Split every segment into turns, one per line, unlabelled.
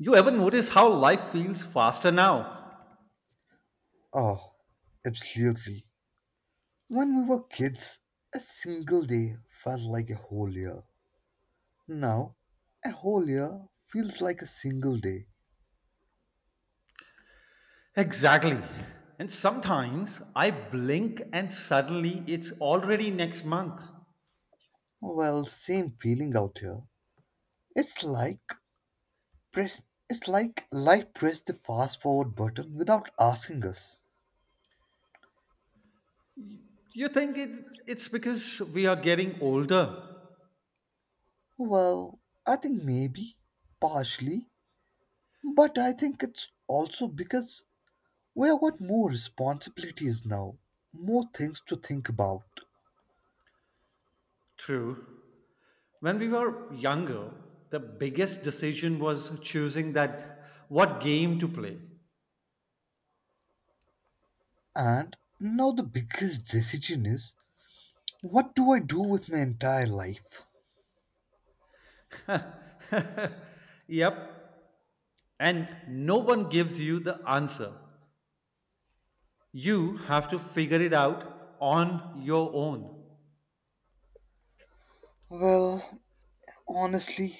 You ever notice how life feels faster now?
Oh, absolutely. When we were kids, a single day felt like a whole year. Now, a whole year feels like a single day.
Exactly. And sometimes I blink and suddenly it's already next month.
Well, same feeling out here. It's like press it's like life pressed the fast forward button without asking us.
You think it's because we are getting older?
Well, I think maybe, partially, but I think it's also because we have got more responsibilities now, more things to think about.
True. When we were younger, the biggest decision was choosing that what game to play.
And now the biggest decision is what do I do with my entire life?
Yep. And no one gives you the answer. You have to figure it out on your own.
Well, honestly,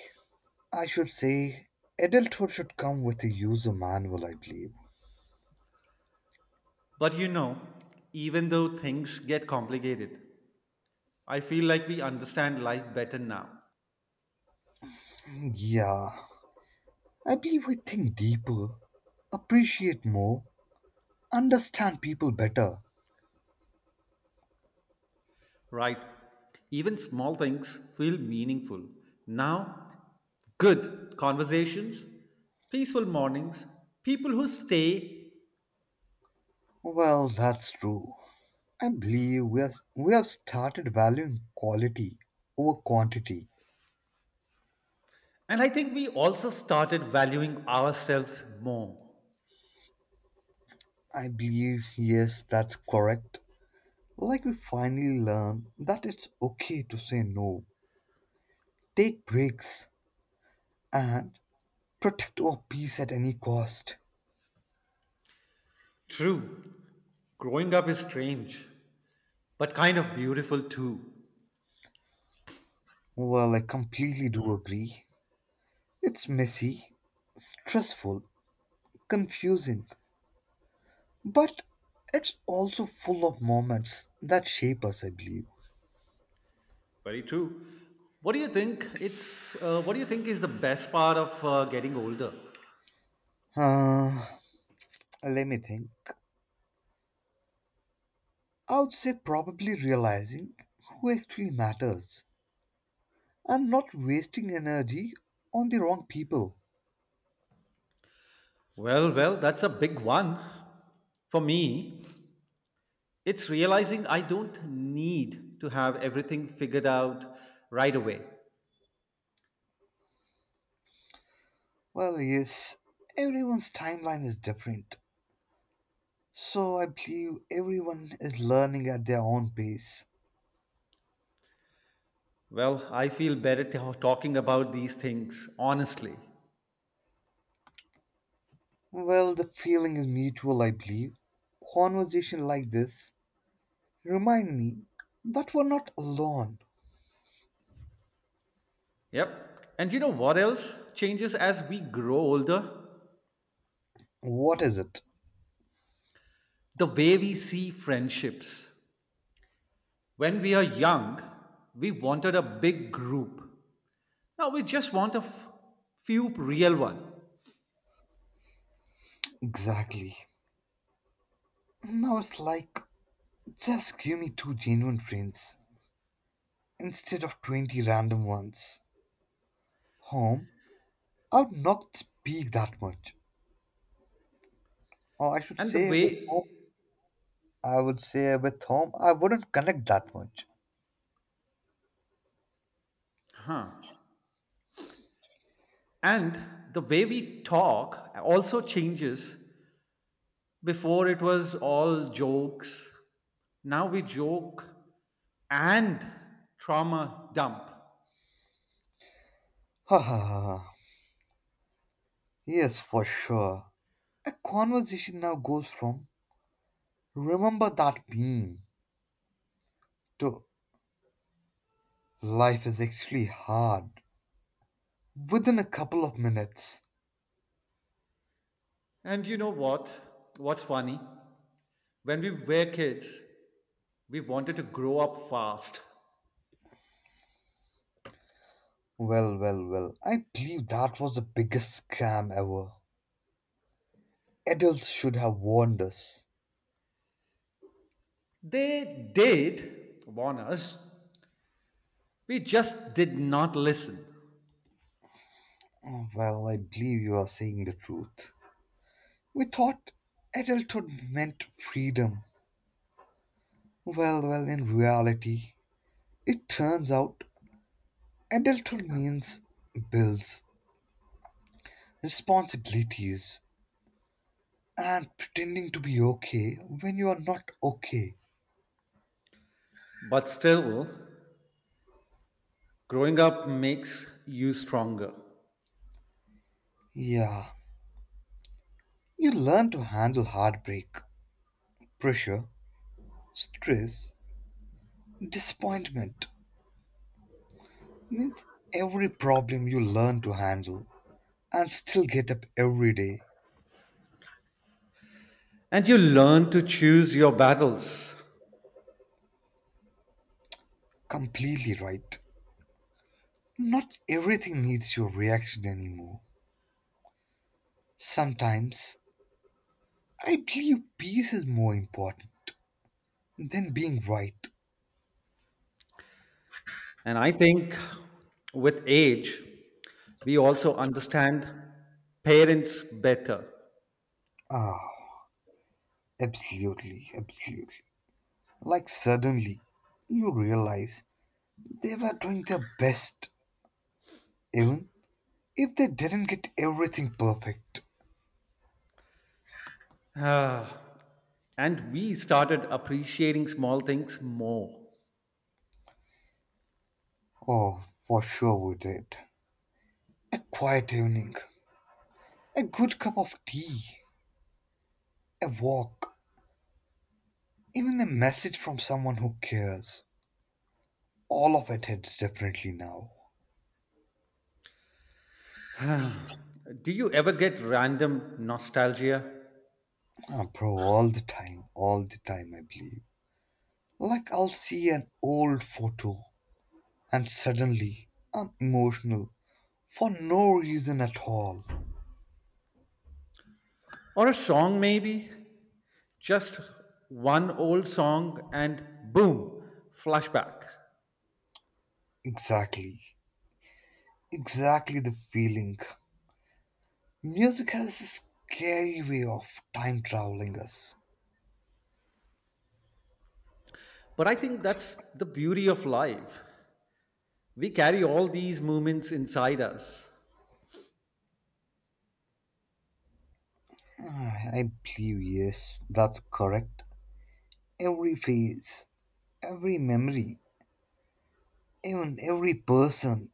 I should say adulthood should come with a user manual, I believe.
But you know, even though things get complicated, I feel like we understand life better now,
Yeah, I believe I think deeper, appreciate more, understand people better.
right? Even small things feel meaningful. Now, good conversations, peaceful mornings, people who stay,
Well, that's true. I believe we have started valuing quality over quantity.
and I think we also started valuing ourselves more.
I believe, yes, that's correct. Like we finally learn that it's okay to say no, take breaks, and protect our peace at any cost.
True, growing up is strange, but kind of beautiful too.
Well, I completely do agree. It's messy, stressful, confusing, but it's also full of moments that shape us, I believe.
Very true. What do you think? It's what do you think is the best part of getting older?
Uh, Let me think. I would say probably realizing who actually matters and not wasting energy on the wrong people.
Well, that's a big one. For me, it's realizing I don't need to have everything figured out right away.
Well, yes, everyone's timeline is different. So I believe everyone is learning at their own pace.
Well, I feel better talking about these things honestly.
Well, the feeling is mutual, I believe. Conversation like this remind me that we're not alone.
Yep. And you know what else changes as we grow older?
What is it?
The way we see friendships. When we are young, we wanted a big group. Now we just want few real one.
Exactly. Now it's like just give me two genuine friends instead of 20 random ones. Home, I would not speak that much. Or I should
And the
say, with
way,
I would say with whom I wouldn't connect that much.
huh? And the way we talk also changes. Before it was all jokes. Now we joke and trauma dump.
Ha ha ha. Ha. Yes, for sure. A conversation now goes from remember that meme to life is actually hard within a couple of minutes.
And you know what? What's funny? When we were kids, we wanted to grow up fast.
Well, well, well. I believe that was the biggest scam ever. Adults should have warned us.
They did warn us. We just did not listen.
Oh, well, I believe you are saying the truth. We thought adulthood meant freedom. Well, well, in reality, it turns out adulthood means bills, responsibilities, and pretending to be okay when you are not okay.
But still, growing up makes you stronger
Yeah, you learn to handle heartbreak, pressure, stress, disappointment. Means every problem you learn to handle and still get up every day.
and you learn to choose your battles.
Completely right. Not everything needs your reaction anymore. Sometimes I believe peace is more important than being right.
And I think with age, we also understand parents better.
Ah. Absolutely, absolutely. Like suddenly, you realize they were doing their best, even if they didn't get everything perfect.
Ah, and we started appreciating small things more.
Oh, for sure we did. A quiet evening, a good cup of tea, a walk, even a message from someone who cares. All of it hits differently now.
Do you ever get random nostalgia?
Ah, bro, all the time, I believe. Like I'll see an old photo, and suddenly I'm emotional for no reason at all.
Or a song, maybe? Just one old song and boom, flashback.
Exactly. Exactly the feeling. Music has a scary way of time traveling us.
But I think that's the beauty of life. We carry all these moments inside us.
Ah, I believe, yes, that's correct. Every phase, every memory, even every person,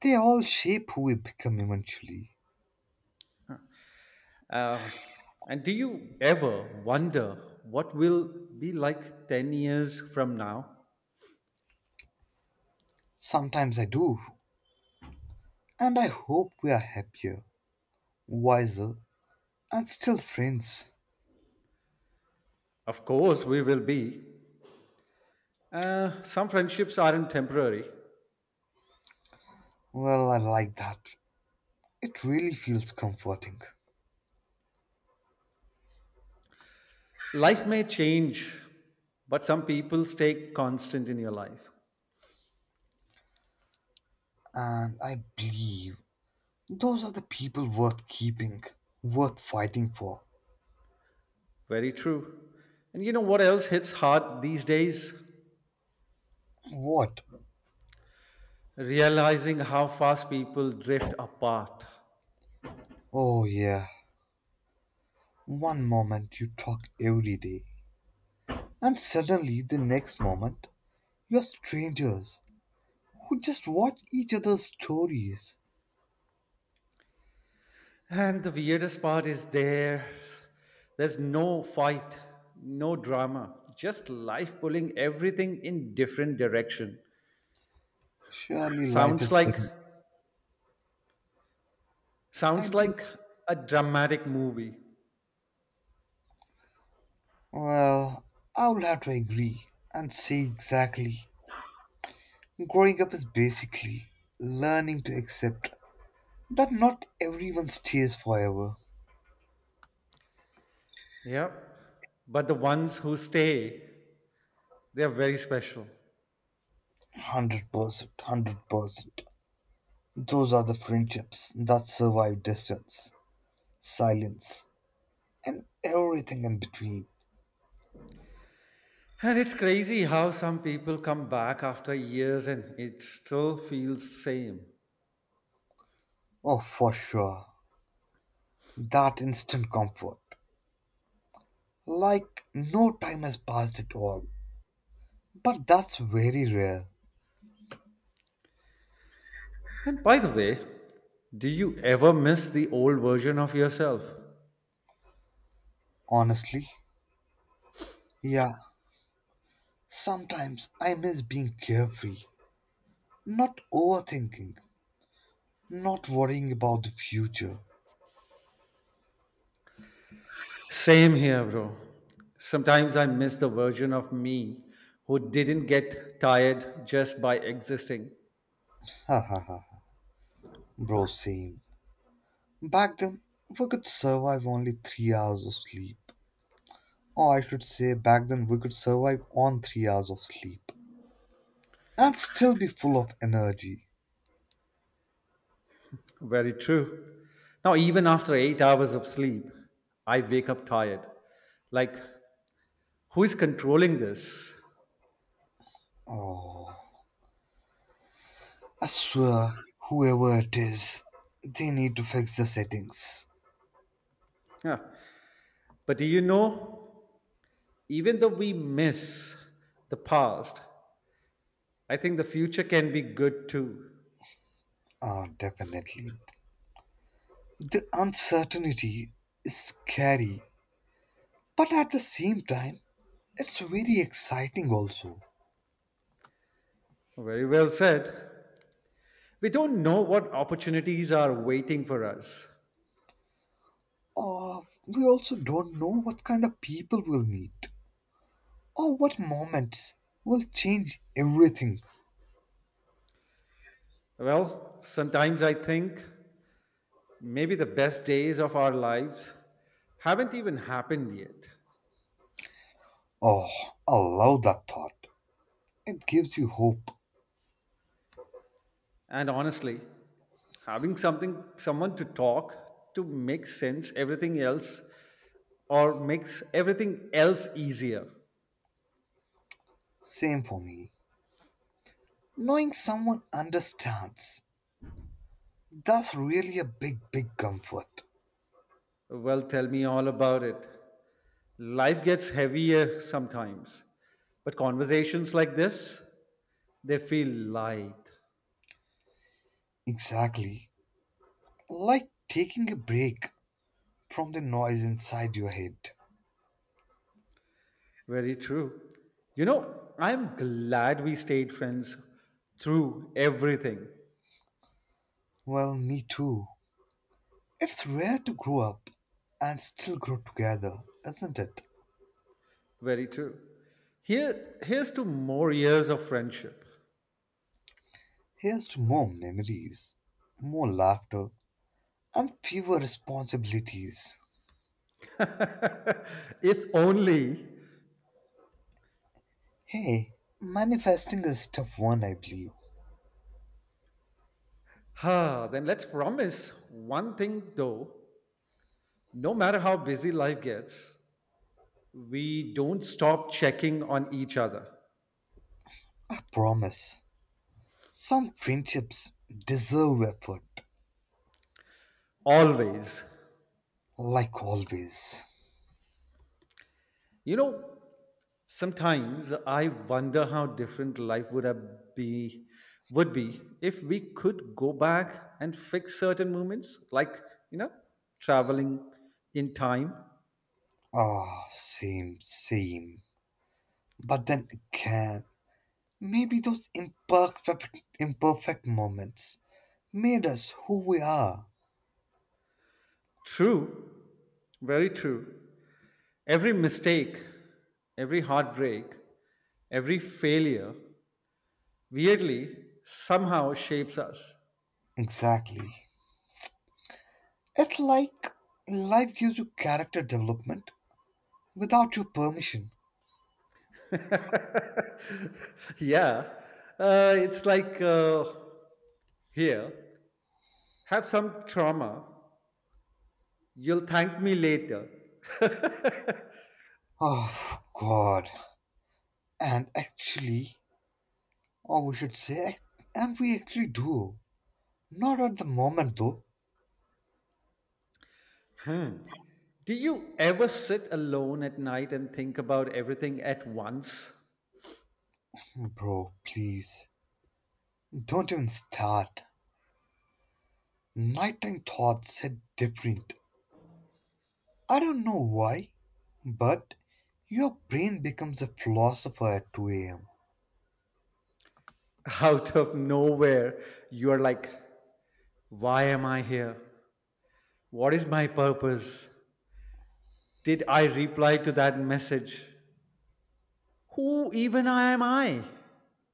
they all shape who we become eventually.
Uh, and do you ever wonder what will be like 10 years from now?
Sometimes I do, and I hope we are happier, wiser, and still friends.
Of course, we will be. Some friendships aren't temporary.
Well, I like that. It really feels comforting.
Life may change, but some people stay constant in your life.
And I believe those are the people worth keeping, worth fighting for.
Very true. And you know what else hits hard these days?
What?
Realizing how fast people drift apart.
Oh, yeah. One moment you talk every day, and suddenly the next moment you're strangers who just watch each other's stories.
And the weirdest part is there's no fight, no drama, just life pulling everything in different direction.
Surely life
Sounds
is
like
big. I
sounds
do.
like a dramatic movie.
Well, I will have to agree and say exactly. Growing up is basically learning to accept that not everyone stays forever.
Yep. But the ones who stay, they're very special.
100%, 100%. Those are the friendships that survive distance, silence, and everything in between.
And it's crazy how some people come back after years and it still feels same.
Oh, for sure. That instant comfort. Like no time has passed at all. But that's very rare,
And by the way, do you ever miss the old version of yourself?
honestly. Yeah, sometimes I miss being carefree, not overthinking, not worrying about the future.
Same here, bro. Sometimes I miss the version of me who didn't get tired just by existing.
Ha ha ha. Ha. Bro, same. Back then, we could survive only 3 hours of sleep. Or I should say, back then, we could survive on 3 hours of sleep and still be full of energy.
Very true. Now, even after 8 hours of sleep, I wake up tired. Like, who is controlling this?
Oh, I swear, whoever it is, they need to fix the settings.
Yeah. But do you know, even though we miss the past, I think the future can be good too.
Oh, definitely. The uncertainty is scary, but at the same time, it's very exciting also.
Very well said. We don't know what opportunities are waiting for us.
Uh, we also don't know what kind of people we'll meet. Oh, what moments will change everything?
Well, sometimes I think maybe the best days of our lives haven't even happened yet.
Oh, I love that thought. It gives you hope.
And honestly, having something someone to talk to makes sense everything else or makes everything else easier.
Same for me. Knowing someone understands, that's really a big, big comfort.
Well, tell me all about it. Life gets heavier sometimes, but conversations like this, they feel light.
Exactly. Like taking a break from the noise inside your head.
Very true. You know, I'm glad we stayed friends through everything.
Well, me too. It's rare to grow up and still grow together, isn't it?
Very true. Here's to more years of friendship.
Here's to more memories, more laughter, and fewer responsibilities.
If only.
Hey, manifesting is tough one, I believe.
Ah, then let's promise one thing though. No matter how busy life gets, we don't stop checking on each other.
I promise. Some friendships deserve effort,
Always.
like always.
You know, sometimes I wonder how different life would have be would be if we could go back and fix certain moments, like you know, traveling in time.
Ah, same, same. But then again, maybe those imperfect, imperfect moments made us who we are.
True, Very true. Every mistake, every heartbreak, every failure, weirdly, somehow shapes us.
Exactly. It's like life gives you character development without your permission.
Yeah, it's like here, have some trauma. You'll thank me later.
Oh, God. And actually, oh, we should say. And we actually do. Not at the moment, though.
Hmm. Do you ever sit alone at night and think about everything at once?
Bro, please. Don't even start. Nighttime thoughts hit different. I don't know why, but your brain becomes a philosopher at 2 a.m.
Out of nowhere, you're like, why am I here? What is my purpose? Did I reply to that message? Who even am I?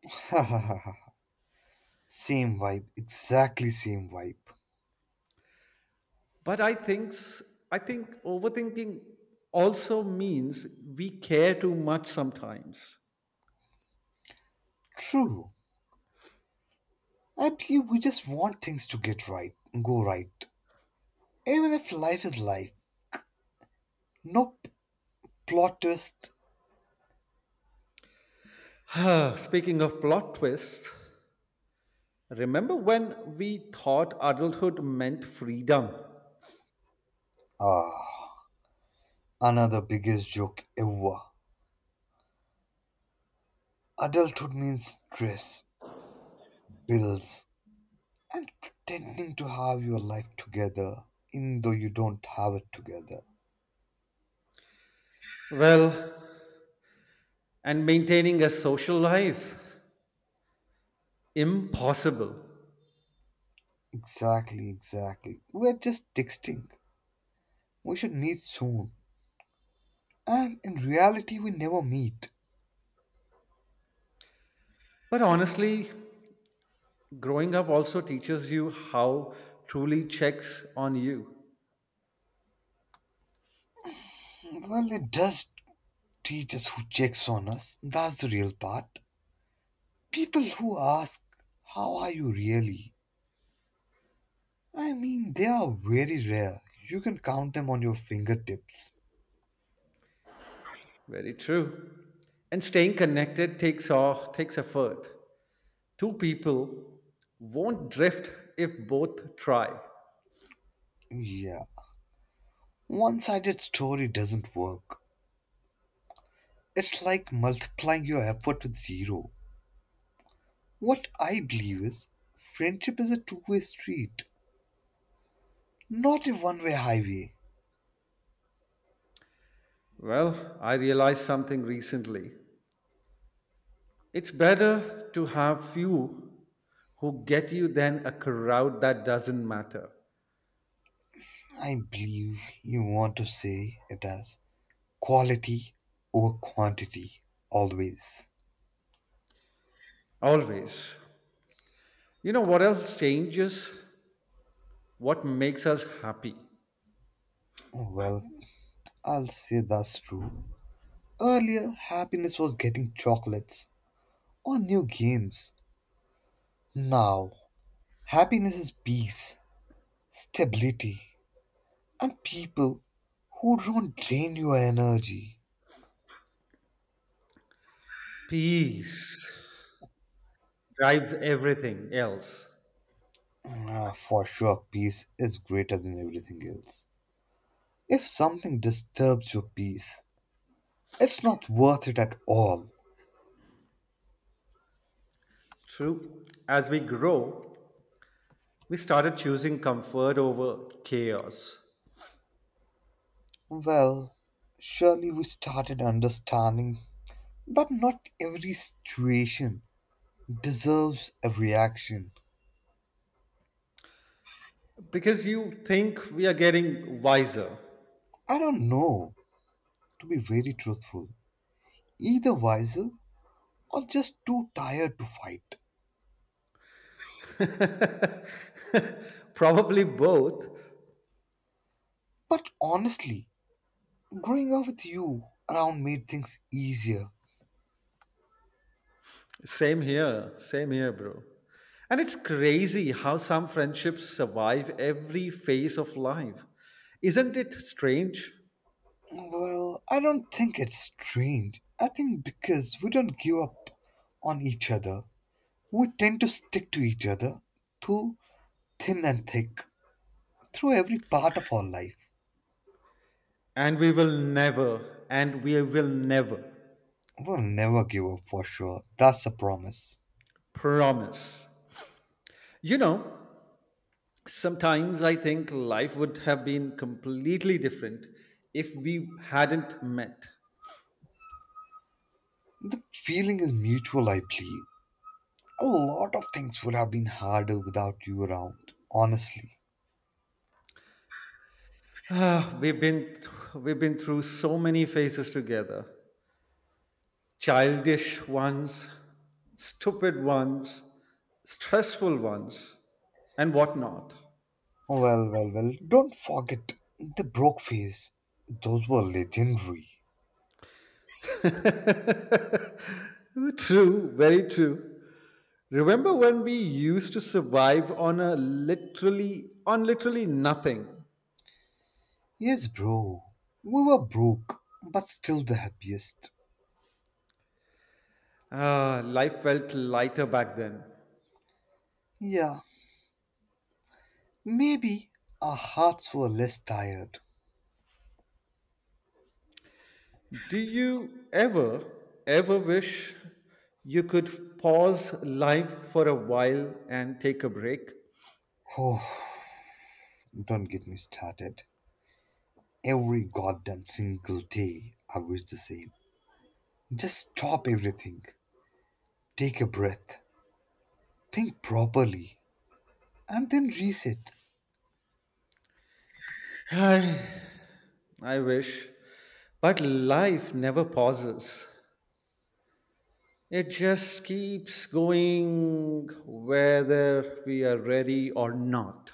Same vibe, exactly same vibe.
But I think overthinking also means we care too much sometimes.
True. I believe we just want things to get right, go right. Even if life is life, no plot twist.
Speaking of plot twists, remember when we thought adulthood meant freedom?
Ah. Another biggest joke ever. Adulthood means stress, bills, and pretending to have your life together, even though you don't have it together.
Well, and maintaining a social life? Impossible.
Exactly, exactly. We're just texting. We should meet soon. And in reality, we never meet.
But honestly, growing up also teaches you how truly checks on you.
Well, it does teach us who checks on us. That's the real part. People who ask, how are you really? I mean, they are very rare. You can count them on your fingertips.
Very true. And staying connected takes effort. Two people won't drift if both try.
Yeah, one sided story doesn't work. It's like multiplying your effort with zero. What I believe is friendship is a two-way street, not a one way highway.
Well, I realized something recently. It's better to have few who get you then a crowd that doesn't matter.
I believe you want to say it as quality over quantity, always.
Always. You know what else changes? What makes us happy?
Well, I'll say that's true. Earlier, happiness was getting chocolates or new games. Now, happiness is peace, stability, and people who don't drain your energy.
Peace drives everything else.
Ah, for sure, peace is greater than everything else. If something disturbs your peace, it's not worth it at all.
True. As we grow, we started choosing comfort over chaos
Well, surely we started understanding that not every situation deserves a reaction.
because you think we are getting wiser.
I don't know, to be very truthful, either wiser or just too tired to fight.
Probably both,
But honestly, growing up with you around made things easier.
same here, same here, bro. And it's crazy how some friendships survive every phase of life. Isn't it strange?
Well, I don't think it's strange. I think because we don't give up on each other, we tend to stick to each other through thin and thick, through every part of our life.
And we will never
We'll never give up for sure. That's a promise.
promise. You know, sometimes I think life would have been completely different if we hadn't met.
The feeling is mutual, I believe. A lot of things would have been harder without you around, honestly.
Ah, we've been through so many phases together. Childish ones, stupid ones, stressful ones, and whatnot.
Well, well, well, don't forget the broke phase. Those were legendary.
Very true. Remember when we used to survive on a literally on literally nothing?
Yes, bro. We were broke, but still the happiest.
Ah, life felt lighter back then.
Yeah, maybe our hearts were less tired.
Do you ever Ever wish you could pause life for a while and take a break?
Oh, don't get me started. Every goddamn single day, I wish the same. Just stop everything, take a breath, think properly, and then reset.
I wish, but life never pauses. It just keeps going whether we are ready or not.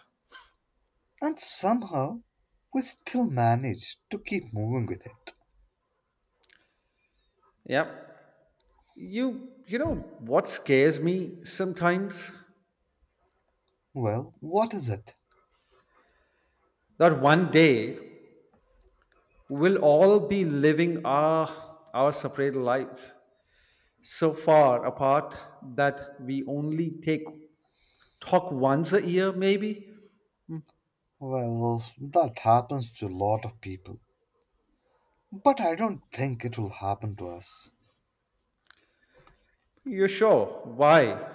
And somehow, we still manage to keep moving with it.
Yep. You know what scares me sometimes?
Well, what is it?
That one day we'll all be living our separate lives so far apart that we only take talk once a year maybe.
Well, that happens to a lot of people. But I don't think it will happen to us.
You're sure? Why?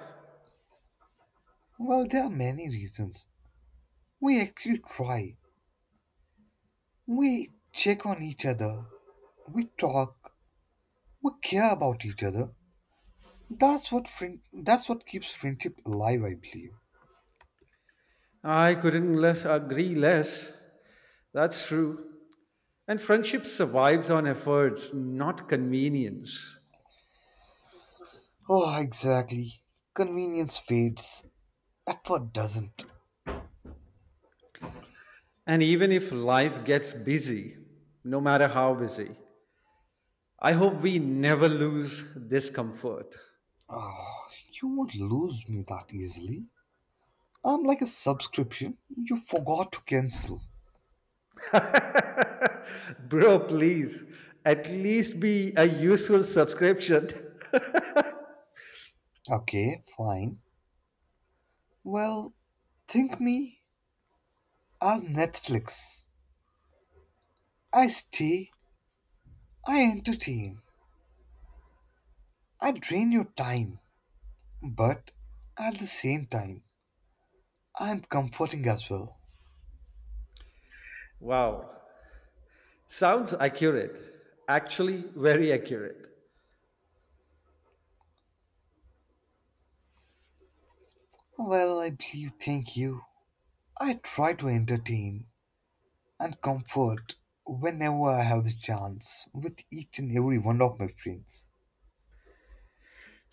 Well, there are many reasons. We actually try. We check on each other. We talk. We care about each other. That's what keeps friendship alive, I believe.
I couldn't less agree less. That's true. And friendship survives on efforts, not convenience.
Oh, exactly. Convenience fades. Effort doesn't.
And even if life gets busy, no matter how busy, I hope we never lose this comfort.
Oh, you won't lose me that easily. I'm like a subscription you forgot to cancel.
Bro, please, at least be a useful subscription.
Okay, fine. Well, think me as Netflix. I stay, I entertain, I drain your time, but at the same time, I'm comforting as well.
Wow. Sounds accurate. Actually, very accurate.
Well, I believe, thank you. I try to entertain and comfort whenever I have the chance with each and every one of my friends.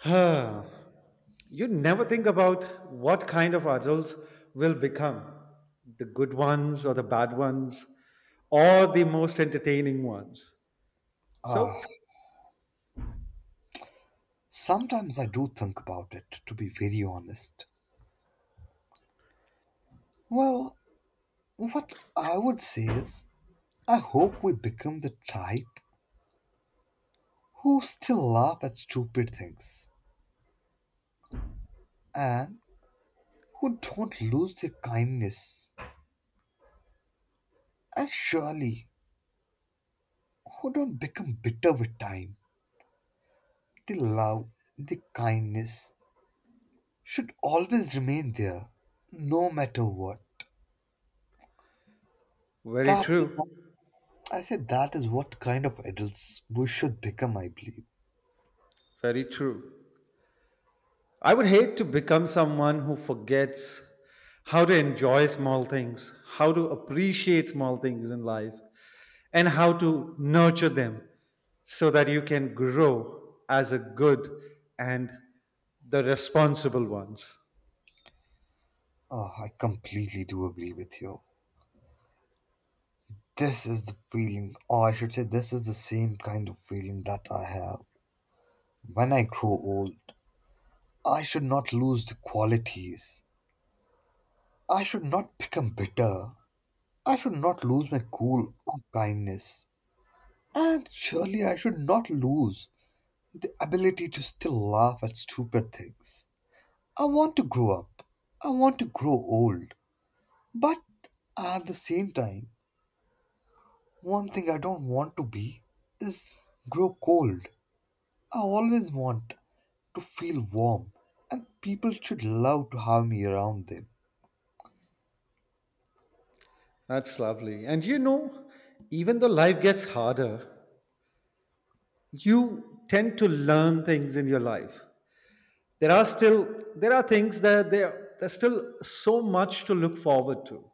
You never think about what kind of adults will become the good ones or the bad ones or the most entertaining ones
Ah,
so.
sometimes I do think about it, to be very honest. Well, what I would say is I hope we become the type who still laugh at stupid things and who don't lose their kindness and surely who don't become bitter with time. The love, the kindness should always remain there no matter what.
Very
That is
true.
what, I said that is what kind of adults we should become, I believe.
Very true. I would hate to become someone who forgets how to enjoy small things, how to appreciate small things in life and how to nurture them so that you can grow as a good and the responsible ones.
Oh, I completely do agree with you. This is the feeling, or I should say, this is the same kind of feeling that I have. When I grow old, I should not lose the qualities. I should not become bitter. I should not lose my cool or kindness. And surely I should not lose the ability to still laugh at stupid things. I want to grow up. I want to grow old. But at the same time, one thing I don't want to be is grow cold. I always want to feel warm, and people should love to have me around them.
That's lovely. And you know, even though life gets harder, you tend to learn things in your life. There are things that there's still so much to look forward to.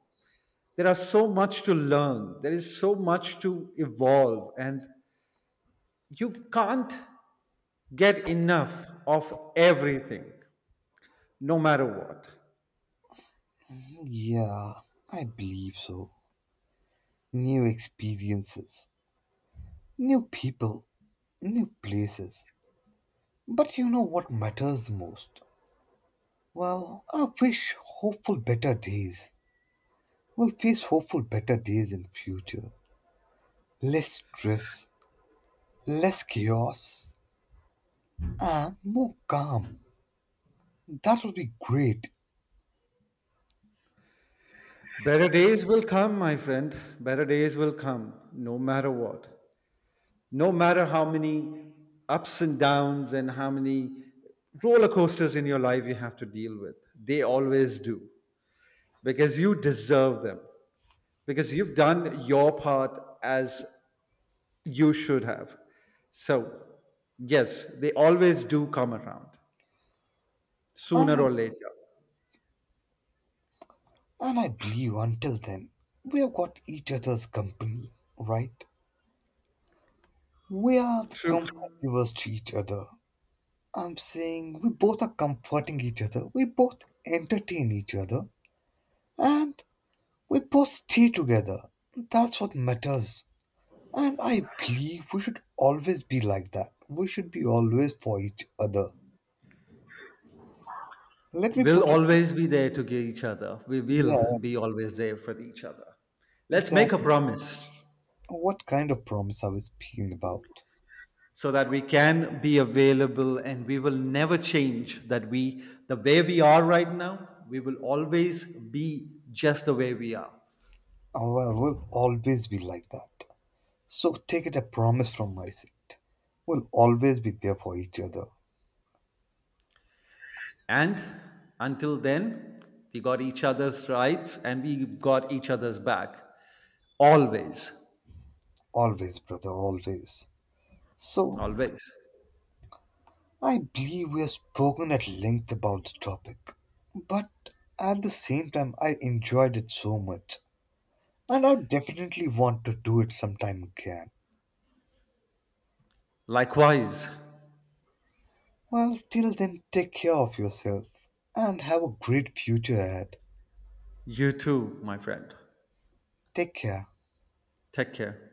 There are so much to learn. There is so much to evolve and you can't get enough of everything no matter what.
Yeah, I believe so. New experiences, new people, new places. But you know what matters most? Well, I wish hopeful better days. We'll face hopeful better days in future. Less stress, less chaos, and more calm. That would be great.
Better days will come, my friend. Better days will come no matter what. No matter how many ups and downs and how many roller coasters in your life you have to deal with, they always do because you deserve them, because you've done your part as you should have. So, yes, they always do come around
And
sooner
I,
or later.
and I believe until then, we have got each other's company, right? We are the comfort
True.
givers to each other. I'm saying we both are comforting each other, we both entertain each other, and we both stay together. That's what matters. And I believe we should always be like that. We should be always for each other. Let me
We'll
put it.
always be there to get each other. We will
Yeah,
be always there for each other. Let's make a
exactly.
promise.
What kind of promise I was speaking about?
So that we can be available and we will never change that we the way we are right now we will always be just the way we are.
Oh, well, we'll always be like that. So take it a promise from my side. We'll always be there for each other.
And until then we got each other's rights and we got each other's back always.
Always, brother, always. So
Always.
I believe we have spoken at length about the topic, but at the same time, I enjoyed it so much, and I definitely want to do it sometime again.
Likewise.
Well, till then, take care of yourself and have a great future ahead.
You too my friend.
Take care.
Take care.